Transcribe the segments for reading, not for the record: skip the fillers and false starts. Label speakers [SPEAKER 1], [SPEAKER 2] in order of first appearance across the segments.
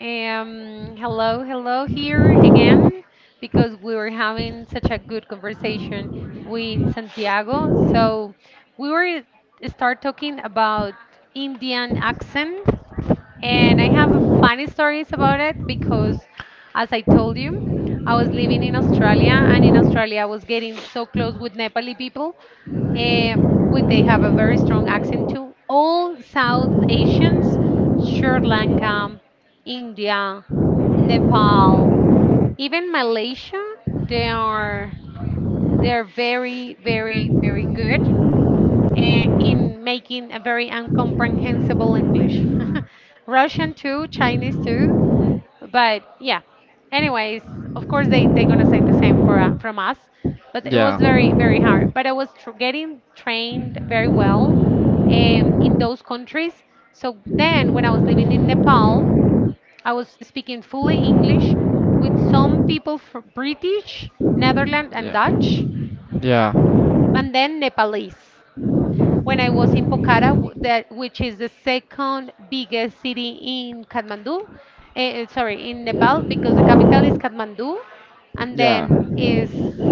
[SPEAKER 1] Hello, here again because we were having such a good conversation with Santiago. So we were eh, start talking about Indian accent, and I have funny stories about it because, as I told you, I was living in Australia, and in Australia I was getting so close with Nepali people. Uh, would they have a very strong accent too? All South Asians: Sri Lanka, India, Nepal, even Malaysia. They are they are very very very good in making a very incomprehensible English. Russian too, Chinese too, but yeah. Anyways, of course they're gonna say the same for from us, but it was
[SPEAKER 2] Yeah.
[SPEAKER 1] very very hard. But I was tr getting trained very well in those countries. So then, when I was living in Nepal, I was speaking fully English with some people from British, Netherlands, and Dutch,
[SPEAKER 2] Yeah. Yeah.
[SPEAKER 1] and then Nepalese. When I was in Pokhara, that which is the second biggest city in Kathmandu, sorry, in Nepal, because the capital is Kathmandu, and
[SPEAKER 2] Yeah.
[SPEAKER 1] then is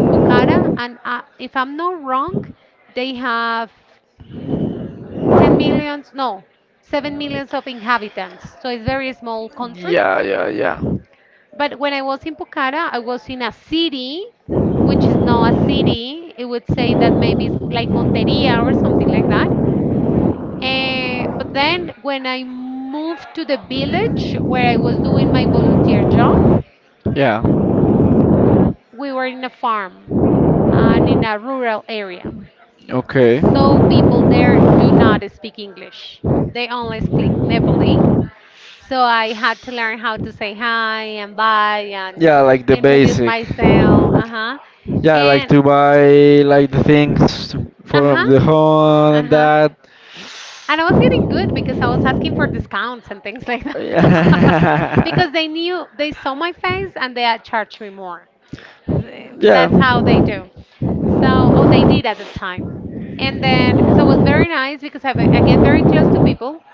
[SPEAKER 1] Pokhara. And if I'm not wrong, they have 10 millions, no, 7 millions of inhabitants. So it's very small country.
[SPEAKER 2] Yeah, yeah, yeah.
[SPEAKER 1] But when I was in Pucara, I was in a city, which is not a city. It would say that maybe it's like Monteria or something like that. But then when I moved to the village where I was doing my volunteer job,
[SPEAKER 2] Yeah.
[SPEAKER 1] we were in a farm and in a rural area.
[SPEAKER 2] Okay.
[SPEAKER 1] So people there do not speak English. They only speak Nepali. So I had to learn how to say hi and bye and
[SPEAKER 2] Yeah, like the
[SPEAKER 1] introduce
[SPEAKER 2] basic.
[SPEAKER 1] myself. Uh huh.
[SPEAKER 2] Yeah, like
[SPEAKER 1] And
[SPEAKER 2] to buy like the things
[SPEAKER 1] uh
[SPEAKER 2] for
[SPEAKER 1] huh.
[SPEAKER 2] the home
[SPEAKER 1] Uh
[SPEAKER 2] and
[SPEAKER 1] huh.
[SPEAKER 2] that.
[SPEAKER 1] And I was getting good because I was asking for discounts and things like that. Because they knew they saw my face and they had charged me more. Th-
[SPEAKER 2] yeah.
[SPEAKER 1] That's how they do. So, oh, they did at the time. And then, so it was very nice because I get very close to people,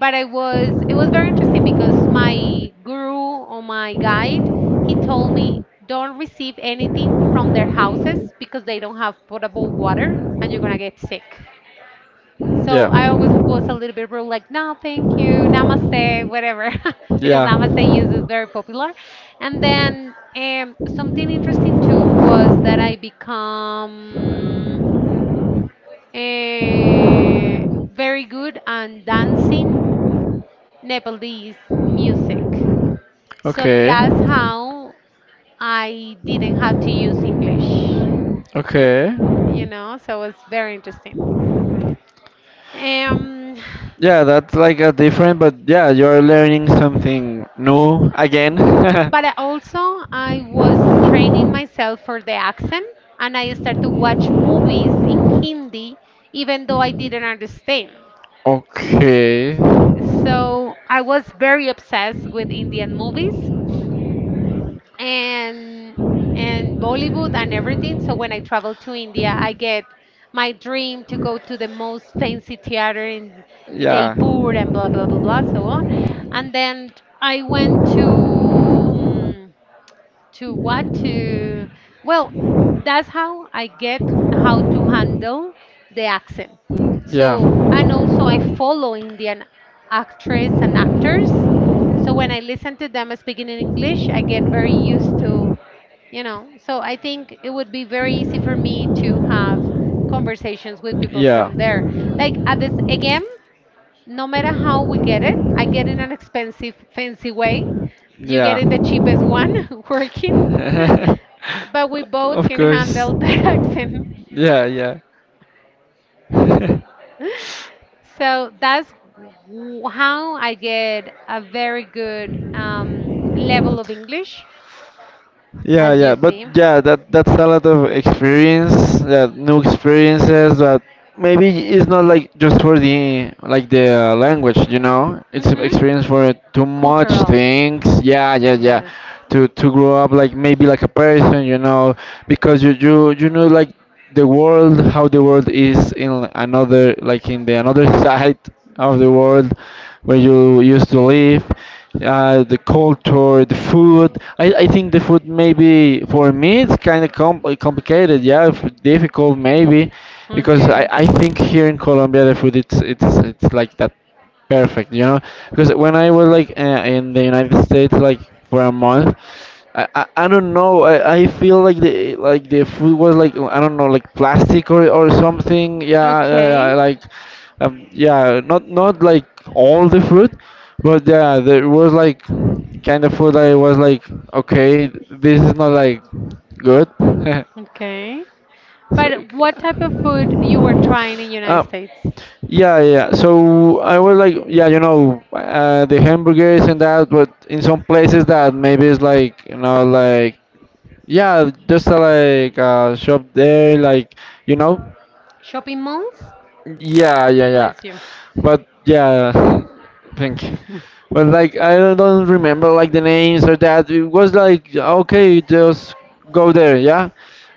[SPEAKER 1] but I was it was very interesting because my guru or my guide, he told me, don't receive anything from their
[SPEAKER 2] Yeah.
[SPEAKER 1] houses because they don't have potable water and you're gonna get sick.
[SPEAKER 2] Yeah.
[SPEAKER 1] So I always was a little bit rude, like, no thank you, namaste, whatever. Because
[SPEAKER 2] Yeah.
[SPEAKER 1] namaste use is very popular. And then something interesting too was that I become very good on dancing Nepalese music. So
[SPEAKER 2] Okay.
[SPEAKER 1] that's how I didn't have to use English,
[SPEAKER 2] Okay.
[SPEAKER 1] you know, so it's very interesting. Um,
[SPEAKER 2] Yeah, that's like a different, but yeah, you're learning something new again.
[SPEAKER 1] but I also, I was training myself for the accent, and I started to watch movies in Hindi, even though I didn't understand.
[SPEAKER 2] Okay.
[SPEAKER 1] So I was very obsessed with Indian movies. and and Bollywood and everything. So when I travel to India, I get my dream to go to the most fancy theater in
[SPEAKER 2] Yeah.
[SPEAKER 1] Jaipur and blah blah blah blah so on. And then I went to to what to well, that's how I get how to handle the accent.
[SPEAKER 2] Yeah.
[SPEAKER 1] So
[SPEAKER 2] Yeah.
[SPEAKER 1] and also I follow Indian actress and actors, so when I listen to them speaking in English, I get very used to, so I think it would be very easy for me to have conversations with people from there. Like at this again, no matter how we get it, I get in an expensive, fancy way. You get
[SPEAKER 2] Yeah.
[SPEAKER 1] in the cheapest one working. But we both
[SPEAKER 2] Of
[SPEAKER 1] can
[SPEAKER 2] course.
[SPEAKER 1] handle that accent.
[SPEAKER 2] Yeah, yeah.
[SPEAKER 1] So that's how I get a very good level of English
[SPEAKER 2] Yeah,
[SPEAKER 1] as you
[SPEAKER 2] yeah, but
[SPEAKER 1] see.
[SPEAKER 2] yeah, that that's a lot of experience, that new experiences that maybe it's not like just for the like the language, you know. It's an
[SPEAKER 1] Mm-hmm.
[SPEAKER 2] experience for too much
[SPEAKER 1] Cultural.
[SPEAKER 2] things. Yeah, yeah, yeah.
[SPEAKER 1] Yes.
[SPEAKER 2] To grow up like maybe like a person, you know, because you know like the world how the world is in another like in the another side of the world where you used to live the culture the food I think the food maybe for me it's kind of complicated yeah difficult
[SPEAKER 1] Mm.
[SPEAKER 2] maybe because I,
[SPEAKER 1] Okay.
[SPEAKER 2] I think here in Colombia the food it's like that. Perfect, you know, because when I was like in the United States, like for a month, I don't know, I feel like the food was like I don't know, like plastic or something. Yeah,
[SPEAKER 1] Okay.
[SPEAKER 2] like yeah, not like all the food, but yeah, there was like kind of food that I was like, okay, this is not like good.
[SPEAKER 1] Okay.
[SPEAKER 2] So,
[SPEAKER 1] But what type of food you were trying in United States?
[SPEAKER 2] yeah, yeah. Yeah. So I was like, yeah, you know, the hamburgers and that, but in some places that maybe it's like, you know, like, yeah, just a, like a shop there, like, you know,
[SPEAKER 1] Shopping malls?
[SPEAKER 2] yeah, yeah, yeah.
[SPEAKER 1] Bless you.
[SPEAKER 2] But yeah, think. But like I don't remember like the names or that. It was like okay, just go there, yeah.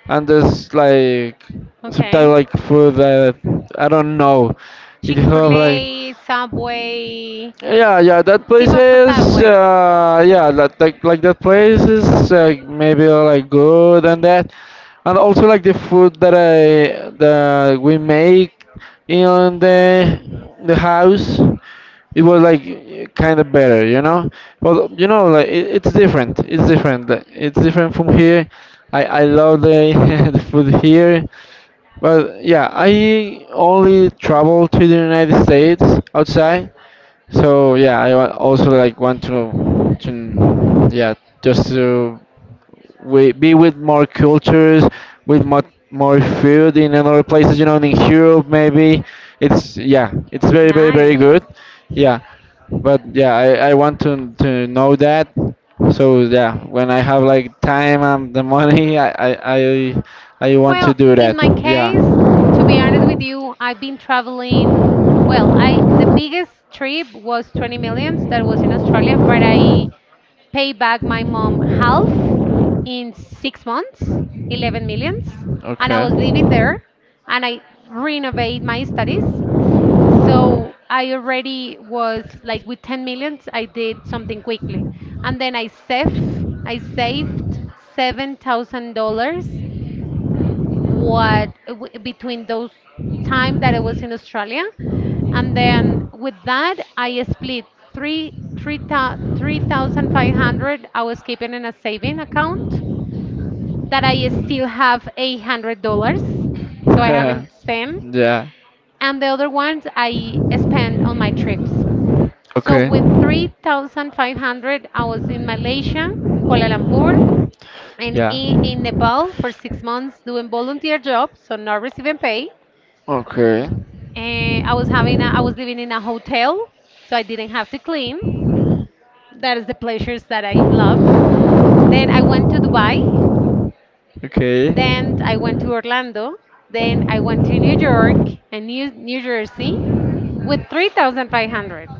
[SPEAKER 2] And there's like sometimes
[SPEAKER 1] Okay.
[SPEAKER 2] like for the I don't know. It have like
[SPEAKER 1] Chick-fil-A, Subway,
[SPEAKER 2] yeah, yeah, that place
[SPEAKER 1] tip of a
[SPEAKER 2] is
[SPEAKER 1] Subway.
[SPEAKER 2] yeah, that like that place is maybe like good and that and also like the food that we make in the house it was like kind of better, you know? But you know like it, it's different. It's different. Like, it's different from here. I love the the food here. But yeah, I only travel to the United States outside so yeah, also like want to yeah just to be with more cultures, with more more food in other places. You know, in Europe maybe it's yeah it's very very very
[SPEAKER 1] Nice.
[SPEAKER 2] good. Yeah, but yeah I want to know that. So yeah, when I have like time and the money, I want to
[SPEAKER 1] Well,
[SPEAKER 2] do
[SPEAKER 1] in
[SPEAKER 2] that.
[SPEAKER 1] my
[SPEAKER 2] Yeah.
[SPEAKER 1] case, to be honest with you, I've been traveling. Well, I the biggest trip was 20 millions, that was in Australia, but I pay back my mom half in 6 months, 11 millions, and I
[SPEAKER 2] Okay.
[SPEAKER 1] was living there and I renovate my studies. So I already was like with 10 millions, I did something quickly. And then I saved $7,000, what between those time that I was in Australia, and then with that I split 3,500. I was keeping in a saving account that I still have $800, so I haven't spent,
[SPEAKER 2] yeah.
[SPEAKER 1] and the other ones I spend on my trips. So
[SPEAKER 2] Okay.
[SPEAKER 1] with 3,500 I was in Malaysia, Kuala Lumpur, and
[SPEAKER 2] Yeah.
[SPEAKER 1] in Nepal for 6 months doing volunteer jobs, so not receiving pay.
[SPEAKER 2] Okay.
[SPEAKER 1] And I was living in a hotel, so I didn't have to clean. That is the pleasures that I loved. Then I went to Dubai.
[SPEAKER 2] Okay.
[SPEAKER 1] Then I went to Orlando. Then I went to New York and New Jersey with 3,500.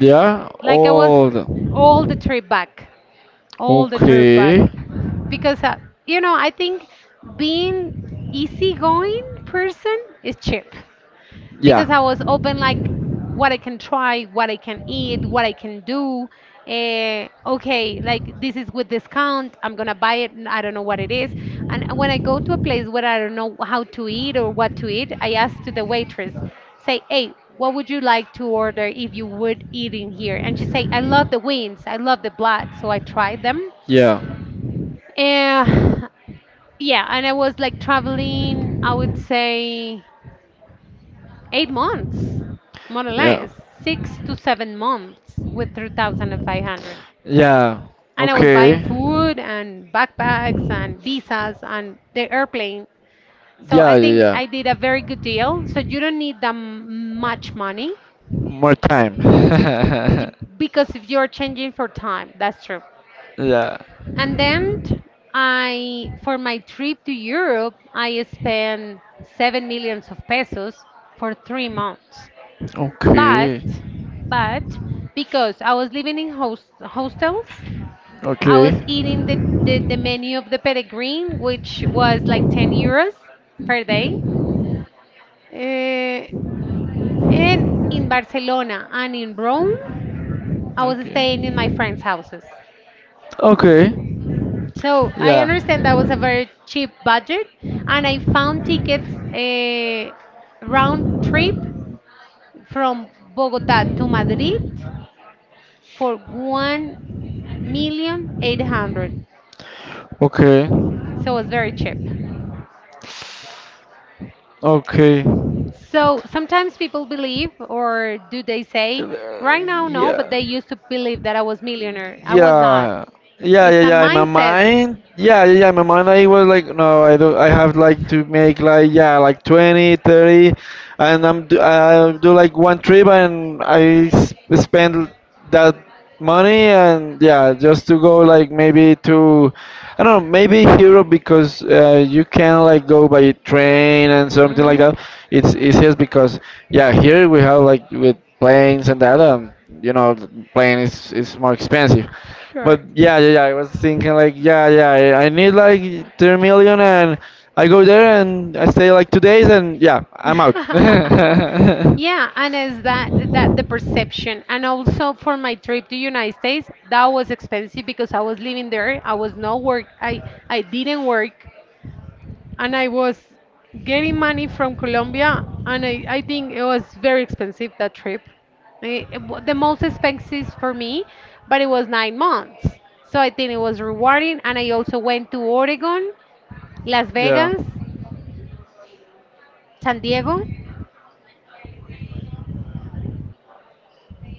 [SPEAKER 2] Yeah.
[SPEAKER 1] Like I was
[SPEAKER 2] Oh.
[SPEAKER 1] all the trip back, all the trip back
[SPEAKER 2] Okay.
[SPEAKER 1] because you know, I think being easygoing person is cheap.
[SPEAKER 2] Yeah.
[SPEAKER 1] Because I was open like what I can try, what I can eat, what I can do. Okay, like this is with discount. I'm gonna buy it, and I don't know what it is. And when I go to a place where I don't know how to eat or what to eat, I ask to the waitress, say, "Hey, what would you like to order if you would eat in here?" And she say, "I love the wings. I love the blood." So I tried them.
[SPEAKER 2] Yeah.
[SPEAKER 1] Uh, yeah, and I was like traveling. I would say 8 months, more or
[SPEAKER 2] Yeah.
[SPEAKER 1] less, 6 to 7 months with 3,500.
[SPEAKER 2] Yeah.
[SPEAKER 1] And I was buying
[SPEAKER 2] Okay.
[SPEAKER 1] food and backpacks and visas and the airplane. So
[SPEAKER 2] Yeah,
[SPEAKER 1] I think
[SPEAKER 2] yeah, yeah.
[SPEAKER 1] I did a very good deal. So you don't need that much money,
[SPEAKER 2] More time.
[SPEAKER 1] y- because if you're changing for time, that's true.
[SPEAKER 2] yeah.
[SPEAKER 1] And then I, for my trip to Europe, I spent seven millions of pesos for 3 months. But
[SPEAKER 2] Okay.
[SPEAKER 1] but because I was living in hostels, I
[SPEAKER 2] Okay.
[SPEAKER 1] was eating the menu of the Peregrine, which was like 10 euros per day. Uh, and in Barcelona and in Rome, I was staying in my friends'
[SPEAKER 2] Okay.
[SPEAKER 1] houses.
[SPEAKER 2] Okay.
[SPEAKER 1] So I
[SPEAKER 2] Yeah.
[SPEAKER 1] understand that was a very cheap budget, and I found tickets a round trip from Bogota to Madrid for 1 million eight hundred.
[SPEAKER 2] Okay.
[SPEAKER 1] So it's very cheap.
[SPEAKER 2] Okay.
[SPEAKER 1] So sometimes people believe, or do they say,
[SPEAKER 2] Uh,
[SPEAKER 1] right now, no, but
[SPEAKER 2] yeah.
[SPEAKER 1] they used to believe that I was millionaire. I was not.
[SPEAKER 2] Yeah. Yeah,
[SPEAKER 1] It's
[SPEAKER 2] yeah,
[SPEAKER 1] a
[SPEAKER 2] yeah. In my
[SPEAKER 1] mindset.
[SPEAKER 2] mind, yeah, yeah, yeah. In my mind, I was like, no, I do. I have like to make like yeah, like 20, 30, and I do like one trip and spend that money and yeah, just to go like maybe to. I don't know, maybe Europe because you can like go by train and something like
[SPEAKER 1] Mhm.
[SPEAKER 2] that. It's easiest because yeah, here we have like with planes and that, you know, the plane is more expensive. But
[SPEAKER 1] Sure.
[SPEAKER 2] yeah, yeah, yeah. I was thinking like yeah, yeah. I need like 3 million and I go there and I stay like 2 days and yeah, I'm out.
[SPEAKER 1] Yeah, and is that the perception? And also for my trip to United States, that was expensive because I was living there. I was not work. I didn't work, and I was getting money from Colombia, and I think it was very expensive that trip. The most expensive for me, but it was 9 months. So I think it was rewarding, and I also went to Oregon, Las
[SPEAKER 2] Yeah.
[SPEAKER 1] Vegas, San Diego,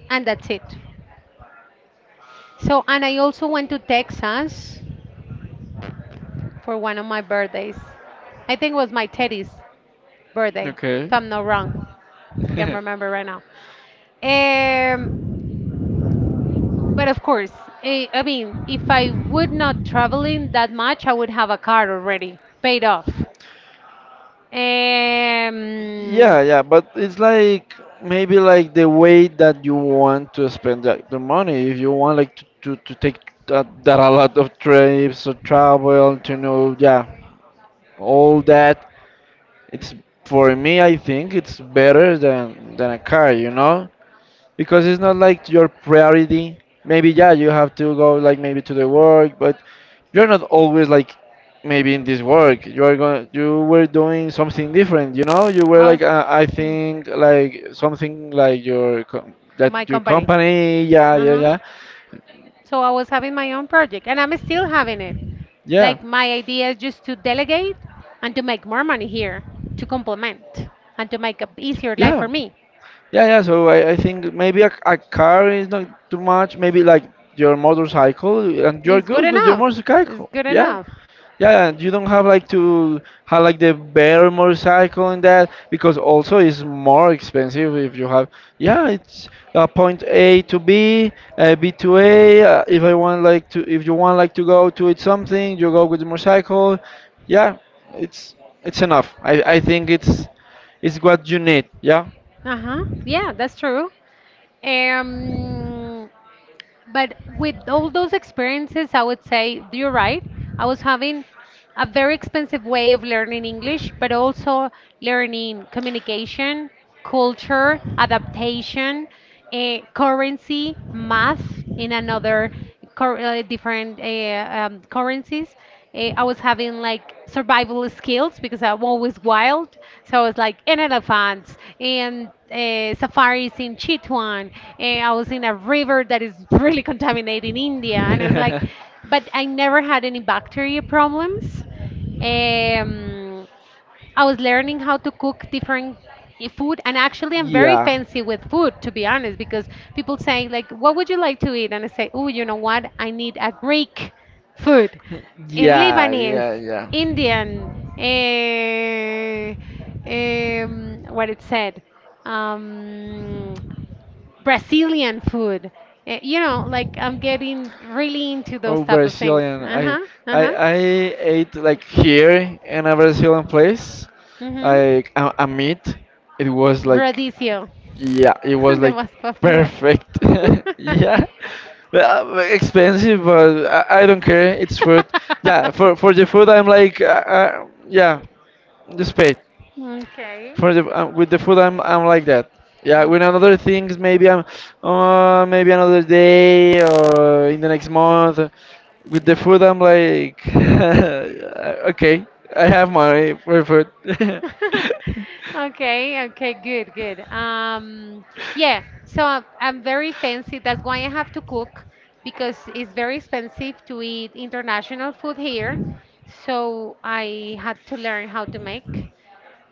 [SPEAKER 1] and that's it. So, and I also went to Texas for one of my birthdays. I think it was my Teddy's birthday,
[SPEAKER 2] Okay.
[SPEAKER 1] if I'm not wrong. I can remember right now. Um, but of course, I mean, if I would not traveling that much, I would have a car already paid off. Um,
[SPEAKER 2] Yeah, yeah, but it's like maybe like the way that you want to spend the money. If you want like to take that a lot of trips or travel to know, yeah, all that. It's for me, I think it's better than a car, you know? Because it's not like your priority. Maybe yeah, you have to go like maybe to the work, but you're not always like maybe in this work. You are going, you were doing something different. You know, you were
[SPEAKER 1] I was
[SPEAKER 2] like I
[SPEAKER 1] like
[SPEAKER 2] think like something like your
[SPEAKER 1] my
[SPEAKER 2] that your
[SPEAKER 1] company.
[SPEAKER 2] company. Yeah, yeah,
[SPEAKER 1] Uh-huh, yeah.
[SPEAKER 2] yeah,
[SPEAKER 1] So I was having my own project and I'm still having it.
[SPEAKER 2] yeah,
[SPEAKER 1] Like my idea is just to delegate and to make more money here to complement and to make a easier life for
[SPEAKER 2] yeah,
[SPEAKER 1] me.
[SPEAKER 2] yeah, yeah. So I think maybe a car is not too much. Maybe like your motorcycle, and you're
[SPEAKER 1] It's good
[SPEAKER 2] good with your
[SPEAKER 1] enough. It's
[SPEAKER 2] motorcycle.
[SPEAKER 1] good
[SPEAKER 2] Yeah.
[SPEAKER 1] enough.
[SPEAKER 2] Yeah, and you don't have like to have like the better motorcycle and that because also it's more expensive if you have. Yeah, it's point A to B, B to A. If I want like to, if you want like to go to it something, you go with the motorcycle. Yeah, it's it's enough. I think it's what you need. Yeah.
[SPEAKER 1] Uh-huh. Yeah, that's true. Um, but with all those experiences, I would say you're right. I was having a very expensive way of learning English, but also learning communication, culture, adaptation, currency, math in another different currencies. I was having like survival skills because I'm always wild. So I was like in elephants and safaris in Chitwan. And I was in a river that is really contaminated in India. And I was
[SPEAKER 2] yeah.
[SPEAKER 1] like, but I never had any bacteria problems. Um, I was learning how to cook different food, and actually, I'm very fancy with food, to be honest, because people say like, "What would you like to eat?" And I say, "Oh, you know what? I need a Greek food, a
[SPEAKER 2] Yeah,
[SPEAKER 1] Lebanese,
[SPEAKER 2] yeah, yeah.
[SPEAKER 1] Indian, eh, what it said, um, Brazilian food." You know like I'm getting really into
[SPEAKER 2] Oh,
[SPEAKER 1] those type of things.
[SPEAKER 2] Brazilian.
[SPEAKER 1] Uh
[SPEAKER 2] I
[SPEAKER 1] huh. Uh
[SPEAKER 2] I
[SPEAKER 1] huh.
[SPEAKER 2] I ate like here in a Brazilian place,
[SPEAKER 1] Mhm.
[SPEAKER 2] like a meat. It was like
[SPEAKER 1] Radicchio,
[SPEAKER 2] yeah, it was
[SPEAKER 1] the
[SPEAKER 2] like
[SPEAKER 1] most popular.
[SPEAKER 2] perfect. Yeah, well, expensive, but I don't care. It's food. Yeah, for the food, I'm like yeah, just pay
[SPEAKER 1] Okay.
[SPEAKER 2] for the with the food I'm like that. Yeah, with
[SPEAKER 1] Okay.
[SPEAKER 2] another things maybe I'm maybe another day or in the next month. With the food I'm like okay, I have money for food.
[SPEAKER 1] Okay, okay, good, good. Yeah, so I'm very fancy. That's why I have to cook because it's very expensive to eat international food here. So I had to learn how to make.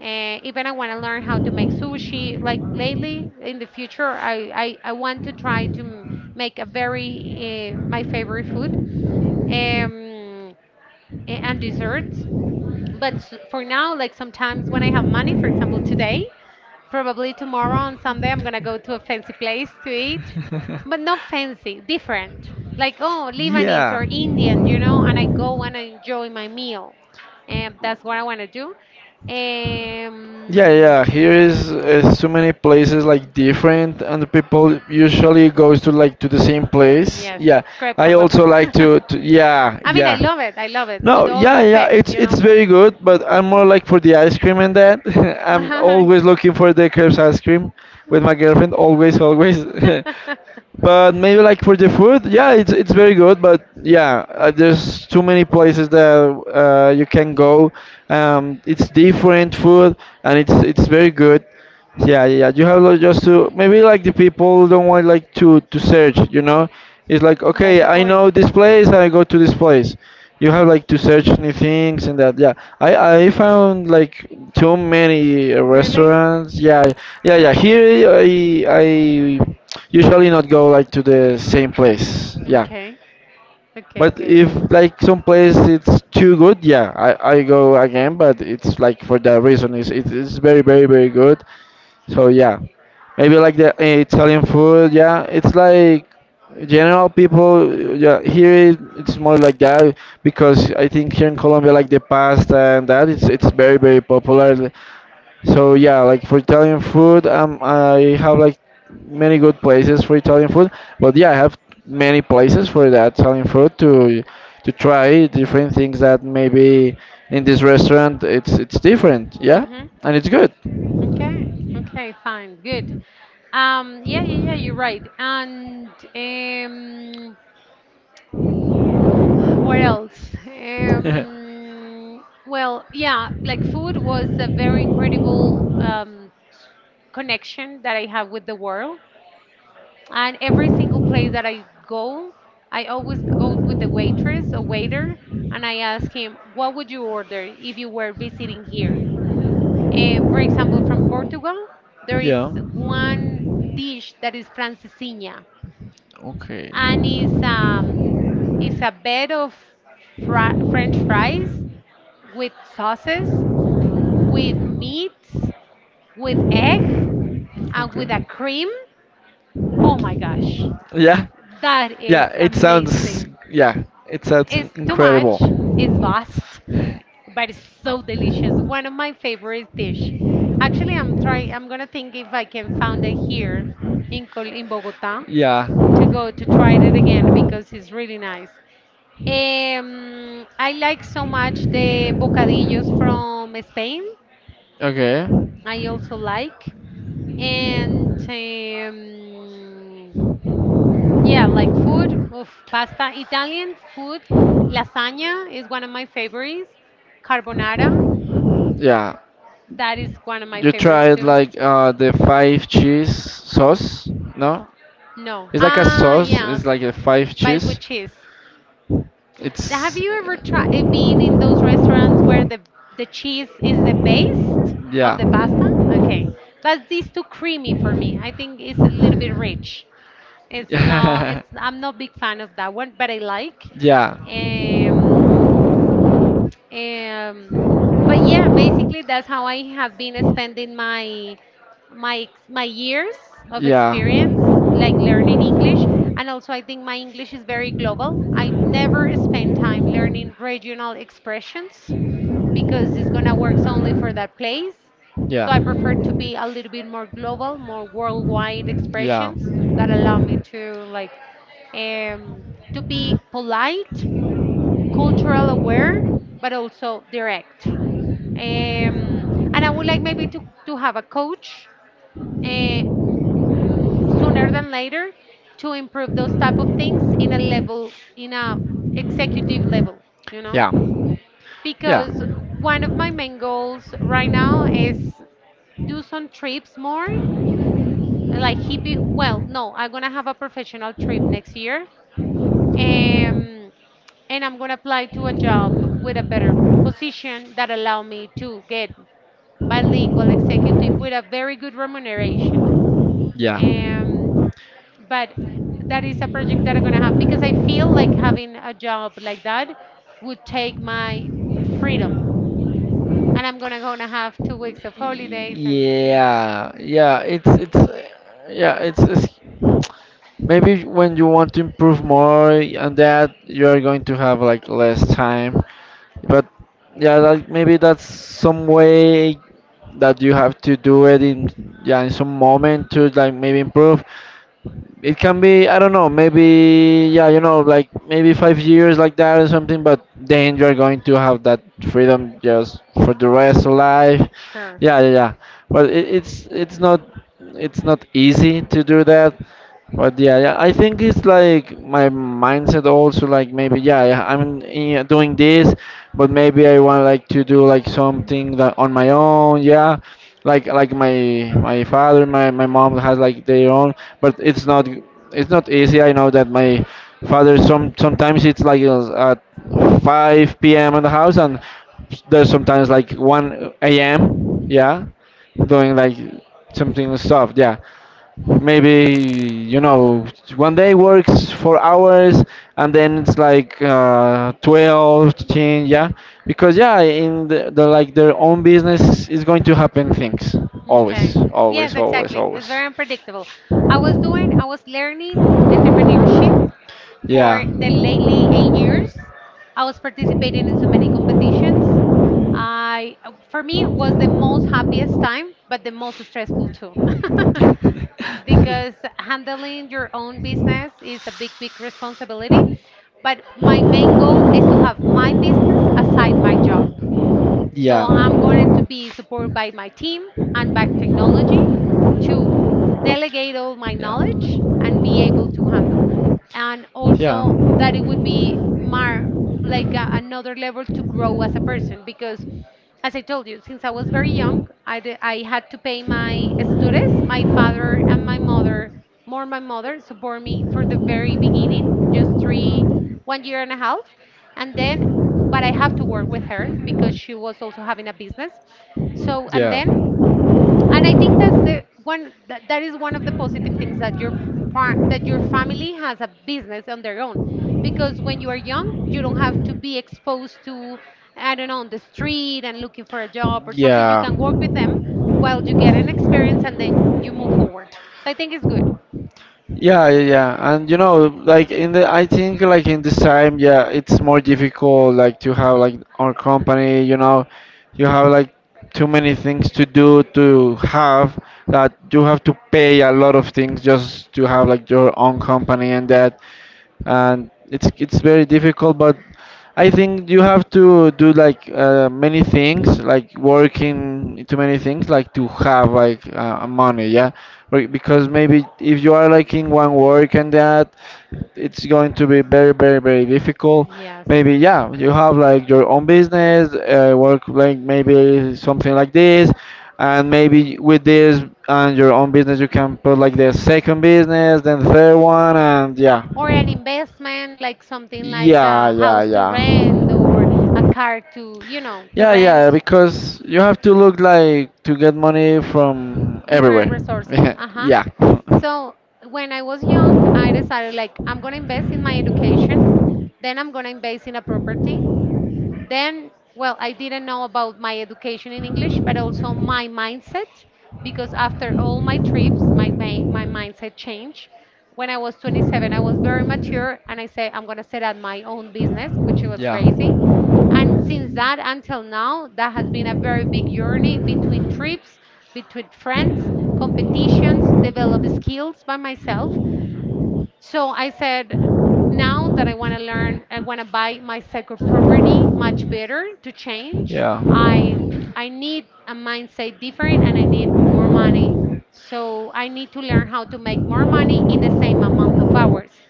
[SPEAKER 1] Even I want to learn how to make sushi. Like lately, in the future, I want to try make a very my favorite food um, and desserts. For now, like sometimes when I have money, for example, today, probably tomorrow on Sunday, I'm gonna go to a fancy place to eat, but not fancy, different. Like, oh, Lebanese
[SPEAKER 2] yeah.
[SPEAKER 1] or Indian, you know, and I go and I enjoy my meal. And that's what I wanna do.
[SPEAKER 2] Yeah,
[SPEAKER 1] Um,
[SPEAKER 2] yeah. Here is too many places like different, and the people usually goes to like to the same place.
[SPEAKER 1] yes,
[SPEAKER 2] Yeah,
[SPEAKER 1] crepes
[SPEAKER 2] I
[SPEAKER 1] and
[SPEAKER 2] also
[SPEAKER 1] waffles.
[SPEAKER 2] like to yeah,
[SPEAKER 1] I mean,
[SPEAKER 2] yeah.
[SPEAKER 1] I love it,
[SPEAKER 2] No,
[SPEAKER 1] with all
[SPEAKER 2] yeah, yeah,
[SPEAKER 1] respect, you
[SPEAKER 2] it's
[SPEAKER 1] know, but.
[SPEAKER 2] very good, but I'm more like for the ice cream and that. I'm always looking for the crepes ice cream with my girlfriend, always, always. But maybe like for the food, yeah, it's very good. But yeah, there's too many places that you can go. It's different food and it's very good. Yeah, yeah. Yeah. You have like, just to maybe like the people don't want like to search. You know, it's like
[SPEAKER 1] That's
[SPEAKER 2] okay,
[SPEAKER 1] the
[SPEAKER 2] I
[SPEAKER 1] point.
[SPEAKER 2] know this place, I go to this place. You have like to search new things and that. Yeah, I found like too many
[SPEAKER 1] Really?
[SPEAKER 2] restaurants. Yeah, yeah, yeah. Here I usually not go like to the same place yeah
[SPEAKER 1] Okay. Okay,
[SPEAKER 2] but
[SPEAKER 1] good.
[SPEAKER 2] if like some place it's too good yeah I go again but it's like for that reason it's very very very good so yeah maybe like the Italian food yeah it's like general people yeah here it's more like that because I think here in Colombia like the pasta and that it's very very popular so yeah, like for Italian food, I have like many good places for Italian food. But yeah, I have many places for the Italian food to try different things that maybe in this restaurant it's different. Yeah,
[SPEAKER 1] Mm-hmm.
[SPEAKER 2] and it's good.
[SPEAKER 1] Okay. Okay, fine. Good. Yeah, yeah, yeah, you're right. And um what else? Well, yeah, like food was a very incredible connection that I have with the world. And every single place that I go, I always go with the waitress or waiter and I ask him, what would you order if you were visiting here? For example, from Portugal, there is
[SPEAKER 2] Yeah.
[SPEAKER 1] one dish that is francesinha,
[SPEAKER 2] Okay.
[SPEAKER 1] and it's it's a bed of French fries, with sauces, with meats, with egg, and with a
[SPEAKER 2] Okay.
[SPEAKER 1] cream. Oh my gosh,
[SPEAKER 2] Yeah.
[SPEAKER 1] that is amazing.
[SPEAKER 2] Yeah, it sounds
[SPEAKER 1] It's too
[SPEAKER 2] incredible.
[SPEAKER 1] much, it's vast, but it's so delicious. One of my favorite dish. Actually, I'm try. I'm gonna think if I can find it here in Col in Bogota
[SPEAKER 2] Yeah.
[SPEAKER 1] to go to try it again because it's really nice. I like so much the bocadillos from Spain,
[SPEAKER 2] Okay.
[SPEAKER 1] I also like. And yeah, like food, oof, pasta, Italian food, lasagna is one of my favorites. Carbonara,
[SPEAKER 2] Yeah.
[SPEAKER 1] that is one of my
[SPEAKER 2] You
[SPEAKER 1] favorites
[SPEAKER 2] tried
[SPEAKER 1] too.
[SPEAKER 2] like the five cheese sauce? No?
[SPEAKER 1] No.
[SPEAKER 2] It's like a
[SPEAKER 1] Ah,
[SPEAKER 2] sauce,
[SPEAKER 1] yes,
[SPEAKER 2] it's like a five
[SPEAKER 1] but
[SPEAKER 2] cheese.
[SPEAKER 1] with cheese. Have
[SPEAKER 2] It's
[SPEAKER 1] you ever
[SPEAKER 2] yeah.
[SPEAKER 1] tried been in those restaurants where the cheese is the base of the pasta? Okay, but these too creamy for me. I think it's a little bit rich. It's not.
[SPEAKER 2] Yeah.
[SPEAKER 1] It's. I'm not big fan of that one, but I like.
[SPEAKER 2] Yeah.
[SPEAKER 1] Um, um, but yeah, basically that's how I have been spending my years of experience, like learning English. And also, I think my English is very global. I never spend time learning regional expressions because it's gonna work only for that place. So I prefer to be a little bit more global, more worldwide expressions that allow me to like um, to be polite, cultural aware, but also direct. Um, and I would like maybe to have a coach uh, sooner than later to improve those type of things in a level, in a executive level, you know?
[SPEAKER 2] Yeah. Yeah.
[SPEAKER 1] Because one of my main goals right now is do some trips more, like hippie. Well, no, I'm gonna have a professional trip next year, um, and I'm gonna apply to a job with a better position that allow me to get bilingual executive with a very good remuneration.
[SPEAKER 2] Yeah.
[SPEAKER 1] Um, but that is a project that I'm gonna have because I feel like having a job like that would take my freedom, and I'm gonna have 2 weeks of holidays and you know,
[SPEAKER 2] Yeah, yeah, it's yeah, it's maybe when you want to improve more and that you are going to have like less time. But yeah, like maybe that's some way that you have to do it in yeah in some moment to like maybe improve it can be I don't know maybe yeah you know like maybe 5 years like that or something but then you're going to have that freedom just for the rest of life
[SPEAKER 1] sure.
[SPEAKER 2] yeah yeah yeah but it's not easy to do that but yeah, yeah I think it's like my mindset also like maybe yeah, yeah doing this but maybe I want like to do like something that on my own yeah like my father my mom has like their own but it's not easy I know that my father sometimes it's like at 5 p.m in the house and there's sometimes like 1 a.m yeah doing like something stuff yeah maybe you know one day works 4 hours and then it's like 12 13 yeah because yeah in the like their own business is going to happen things always
[SPEAKER 1] Okay. Yes,
[SPEAKER 2] always always
[SPEAKER 1] exactly. It's
[SPEAKER 2] always
[SPEAKER 1] very unpredictable. I was learning entrepreneurship
[SPEAKER 2] yeah
[SPEAKER 1] for the lately 8 years. I was participating in so many competitions. I, for me, it was the most happiest time, but the most stressful too. Because handling your own business is a big, big responsibility. But my main goal is to have my business aside my job. So I'm going
[SPEAKER 2] Yeah.
[SPEAKER 1] to be supported by my team and by technology to delegate all my
[SPEAKER 2] Yeah.
[SPEAKER 1] knowledge and be able to handle. And
[SPEAKER 2] Yeah.
[SPEAKER 1] also that it would be more like a, another level to grow as a person because as I told you, since I was very young, I had to pay my studies. My father and my mother, more my mother, support me for the very beginning, 1 year and a half. And then, but I have to work with her because she was also having a business. So, and
[SPEAKER 2] Yeah.
[SPEAKER 1] then and I think that's the one that is one of the positive things that your part that your family has a business on their own, because when you are young you don't have to be exposed to, I don't know, on the street and looking for a job or something, you
[SPEAKER 2] Yeah.
[SPEAKER 1] can work with them while you get an experience and then you move forward. So I think it's good.
[SPEAKER 2] Yeah, yeah, yeah. And you know, like I think like in this time, yeah, it's more difficult like to have like our company, you know, you have like too many things to do to have that you have to pay a lot of things just to have like your own company and that, and it's very difficult. But I think you have to do like many things, like working into many things, like to have like a money, yeah. Because maybe if you are like in one work and that, it's going to be very difficult.
[SPEAKER 1] Yes,
[SPEAKER 2] Maybe, yeah, you have like your own business, work, like maybe something like this, and maybe with this and your own business you can put like the second business, then the third one, and yeah.
[SPEAKER 1] or an investment like something like
[SPEAKER 2] Yeah,
[SPEAKER 1] a
[SPEAKER 2] yeah,
[SPEAKER 1] house to rent,
[SPEAKER 2] yeah.
[SPEAKER 1] or a car to, you know, to
[SPEAKER 2] Yeah,
[SPEAKER 1] rent.
[SPEAKER 2] yeah, because you have to look like to get money from
[SPEAKER 1] Different
[SPEAKER 2] everywhere.
[SPEAKER 1] resources. Uh-huh. So when I was young, I decided like I'm gonna invest in my education, then I'm gonna invest in a property, then well
[SPEAKER 2] Yeah.
[SPEAKER 1] I didn't know about my education in English but also my mindset, because after all my trips my mindset changed when I was 27. I was very mature and I said I'm going to set up my own business, which was
[SPEAKER 2] Yeah,
[SPEAKER 1] crazy. And since that until now that has been a very big journey between trips, between friends, competitions, develop skills by myself. So I said, now that I want to learn, I want to buy my second property much better to change.
[SPEAKER 2] yeah.
[SPEAKER 1] I I need a mindset different and I need more money. So I need to learn how to make more money in the same amount of hours.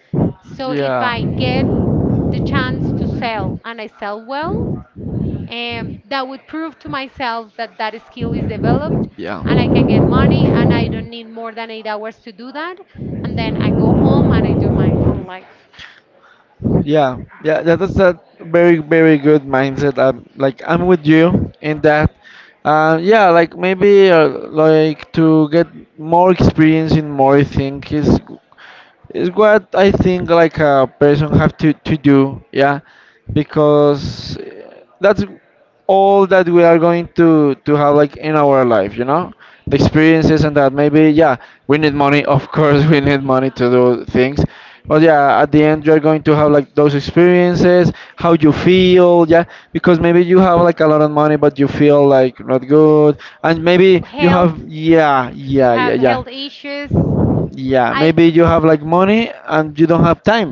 [SPEAKER 1] So if I get the chance to sell and I sell well, and that would prove to myself that that skill is developed and I can get
[SPEAKER 2] Yeah.
[SPEAKER 1] money and I don't need more than 8 hours to do that. And then I
[SPEAKER 2] Yeah.
[SPEAKER 1] go home and I do my own life.
[SPEAKER 2] Yeah, yeah, that is a very good mindset. I'm like, I'm with you in that. Yeah, like maybe like to get more experience in more things. It's what I think like a person have to do, yeah, because that's all that we are going to have like in our life, you know, the experiences and that. Maybe, yeah, we need money, of course, we need money to do things, but yeah, at the end you're going to have like those experiences, how you feel, yeah, because maybe you have like a lot of money, but you feel like not good, and maybe you have,
[SPEAKER 1] Health,
[SPEAKER 2] yeah,
[SPEAKER 1] do you
[SPEAKER 2] yeah, yeah,
[SPEAKER 1] have
[SPEAKER 2] yeah.
[SPEAKER 1] health issues? Yeah,
[SPEAKER 2] Yeah,
[SPEAKER 1] I
[SPEAKER 2] maybe
[SPEAKER 1] maybe
[SPEAKER 2] you
[SPEAKER 1] you
[SPEAKER 2] have like money and you don't have time.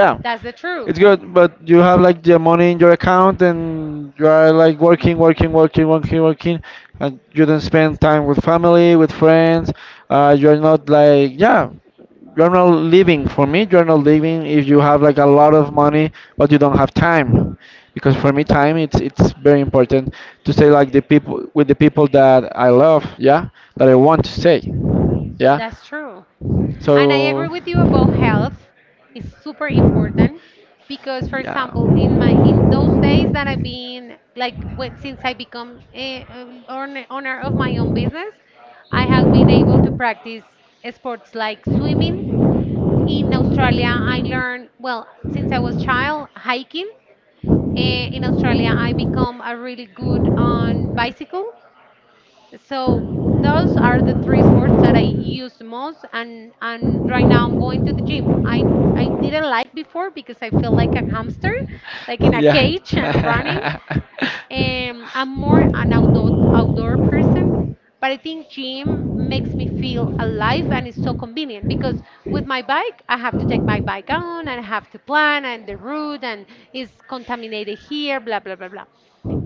[SPEAKER 2] Yeah,
[SPEAKER 1] that's the truth.
[SPEAKER 2] it's
[SPEAKER 1] And
[SPEAKER 2] good, but you have like the money in your account and you are like working, working, working, working, working, and you don't spend time with family, with friends. You're not like, yeah, you're not living. For me, you're not living if you have like a lot of money but you don't have time. Because for me, time, it's very important to stay like the people with the people that I love, yeah, that I want to stay, yeah.
[SPEAKER 1] that's true. And I agree
[SPEAKER 2] So,
[SPEAKER 1] with you about health. It's super important because, for
[SPEAKER 2] yeah.
[SPEAKER 1] example, in my in those days that I've been like when, since I become a, owner of my own business, I have been able to practice sports like swimming. In Australia, I learned well since I was child hiking. In Australia, I become a really good on bicycle. So those are the three sports that I use the most and right now I'm going to the gym. I didn't like before because I feel like a hamster, like in a
[SPEAKER 2] Yeah.
[SPEAKER 1] cage and running. I'm more an outdoor person, but I think gym makes me feel alive and it's so convenient because with my bike, I have to take my bike on and I have to plan and the route and is contaminated here, blah blah blah blah.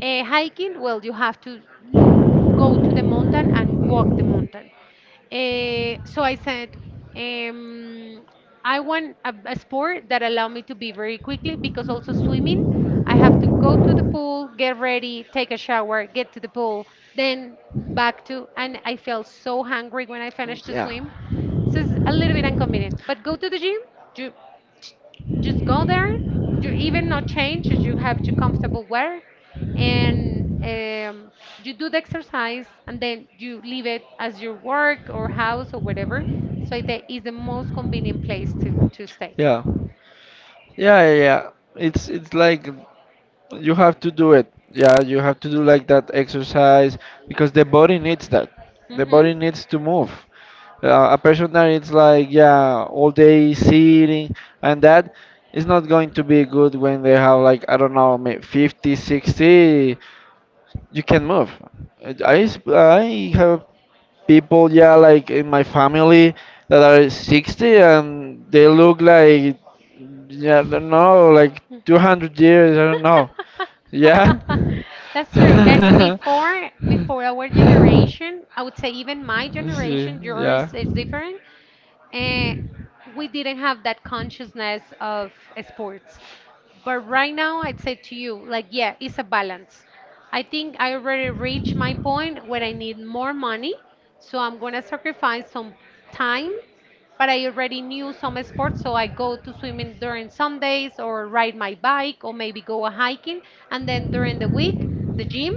[SPEAKER 1] Hiking, well, you have to go to the mountain and walk the mountain. So I said, um, I want a sport that allow me to be very quickly because also swimming, I have to go to the pool, get ready, take a shower, get to the pool, then back to, and I felt so hungry when I finished to
[SPEAKER 2] Yeah.
[SPEAKER 1] swim. So it's a little bit inconvenient. But go to the gym, you just go there. You even not change. You have your comfortable wear, and you do the exercise, and then you leave it as your work or house or whatever. So it is the most convenient place to stay.
[SPEAKER 2] Yeah. Yeah, yeah, yeah. It's like, you have to do it. Yeah, you have to do like that exercise because the body needs that. The
[SPEAKER 1] Hmm.
[SPEAKER 2] body needs to move. A person that is like, yeah, all day sitting and that, is not going to be good when they have like, I don't know, 50, 60. You can move. I have people, yeah, like in my family that are 60 and they look like, yeah, I don't know, like 200 years, I don't know. Yeah.
[SPEAKER 1] That's true. And before our generation, I would say even my
[SPEAKER 2] See,
[SPEAKER 1] generation,
[SPEAKER 2] yeah.
[SPEAKER 1] yours is different. eh, we didn't have that consciousness of sports. But right now, I'd say to you, like, yeah, it's a balance. I think I already reached my point where I need more money, so I'm gonna sacrifice some time but I already knew some sports, so I go to swimming during some days or ride my bike or maybe go a hiking, and then during the week, the gym,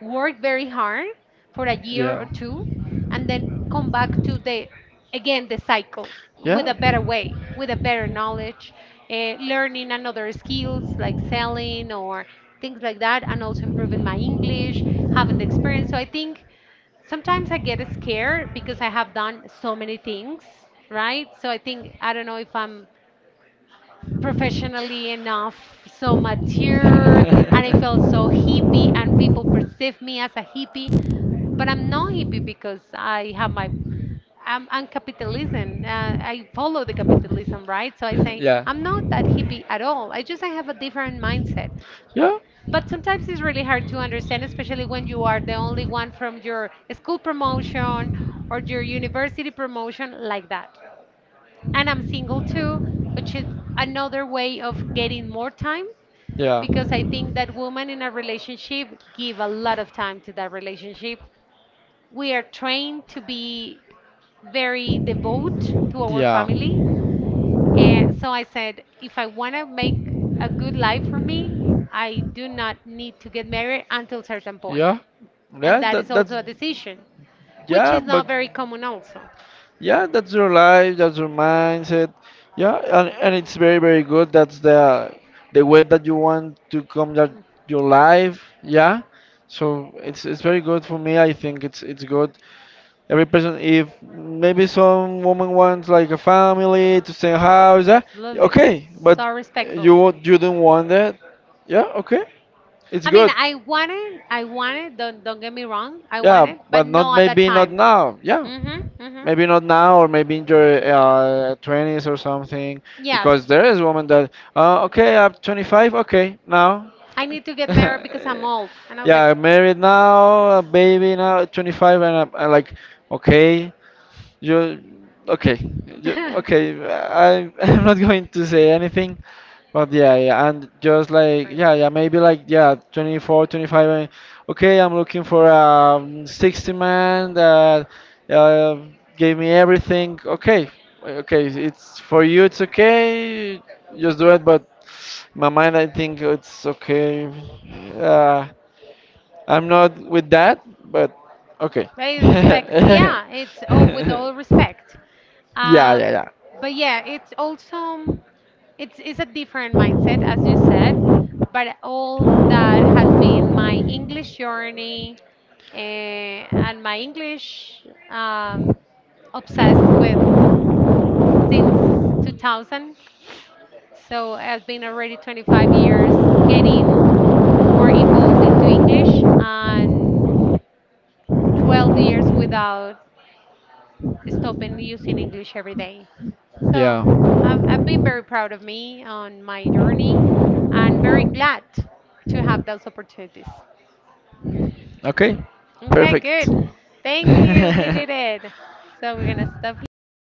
[SPEAKER 1] work very hard for a year or two, and then come back to the again the cycle with a
[SPEAKER 2] Yeah.
[SPEAKER 1] better way, with a better knowledge, learning another skills like selling or things like that, and also improving my English, having the experience. So I think sometimes I get scared because I have done so many things, right? So I think I don't know if I'm professionally enough, so mature, and I felt so hippie, and people perceive me as a hippie, but I'm not hippie because I have my I'm capitalism. I follow the capitalism, right? So I say
[SPEAKER 2] Yeah.
[SPEAKER 1] I'm not that
[SPEAKER 2] Yeah.
[SPEAKER 1] hippie at all. I have a different mindset.
[SPEAKER 2] Yeah.
[SPEAKER 1] But sometimes it's really hard to understand, especially when you are the only one from your school promotion or your university promotion like that and I'm single too, which is another way of getting more time
[SPEAKER 2] Yeah.
[SPEAKER 1] because I think that women in a relationship give a lot of time to that relationship. We are trained to be very devout to our family. And so I said, if I want to make a good life for me, I do not need to get married until certain point.
[SPEAKER 2] Yeah.
[SPEAKER 1] And
[SPEAKER 2] Yeah.
[SPEAKER 1] that is
[SPEAKER 2] That
[SPEAKER 1] also
[SPEAKER 2] that's,
[SPEAKER 1] a decision, which
[SPEAKER 2] yeah,
[SPEAKER 1] is
[SPEAKER 2] but
[SPEAKER 1] not very common also.
[SPEAKER 2] yeah, that's your life, that's your mindset, yeah, and it's very good. That's the way that you want to come, that your life, yeah. So it's very good. For me, I think it's good. Every person, if maybe some woman wants like a family to stay in house, yeah. Yeah,
[SPEAKER 1] Absolutely.
[SPEAKER 2] okay, but
[SPEAKER 1] So respectful.
[SPEAKER 2] you don't want that, yeah. Okay, it's
[SPEAKER 1] I mean,
[SPEAKER 2] good.
[SPEAKER 1] I wanted, I wanted. Don't get me wrong, I
[SPEAKER 2] Yeah,
[SPEAKER 1] wanted, but
[SPEAKER 2] but not,
[SPEAKER 1] no at that
[SPEAKER 2] maybe not
[SPEAKER 1] time.
[SPEAKER 2] now, yeah.
[SPEAKER 1] Mhm, mhm.
[SPEAKER 2] Maybe not now, or maybe in your 20s or something,
[SPEAKER 1] Yes.
[SPEAKER 2] because there is women that okay, I'm 25, okay, now.
[SPEAKER 1] I need to get married because I'm old, and I was like,
[SPEAKER 2] Yeah, I'm married now, a baby now, 25, and I'm like, okay, you, okay? You, okay. I I'm not going to say anything, but yeah, yeah, and just like, yeah, yeah, maybe like, yeah, 24, 25. And okay, I'm looking for a 60 man that uh, gave me everything. Okay, okay, it's for you. It's okay. Just do it. But my mind, I think it's okay. Uh, I'm not with that, but okay.
[SPEAKER 1] I respect. Yeah, it's oh, with all respect.
[SPEAKER 2] Yeah,
[SPEAKER 1] Uh,
[SPEAKER 2] yeah, yeah.
[SPEAKER 1] but yeah, it's also it's a different mindset as you said. But all that has been my English journey and my English obsessed with since 2000. So it has been already 25 years getting more involved into English and 12 years without stopping using English every day. So
[SPEAKER 2] Yeah.
[SPEAKER 1] I've been very proud of me on my journey and very glad to have those opportunities.
[SPEAKER 2] Okay.
[SPEAKER 1] Okay,
[SPEAKER 2] Perfect.
[SPEAKER 1] good. Thank you. We did it. So we're going to stop here.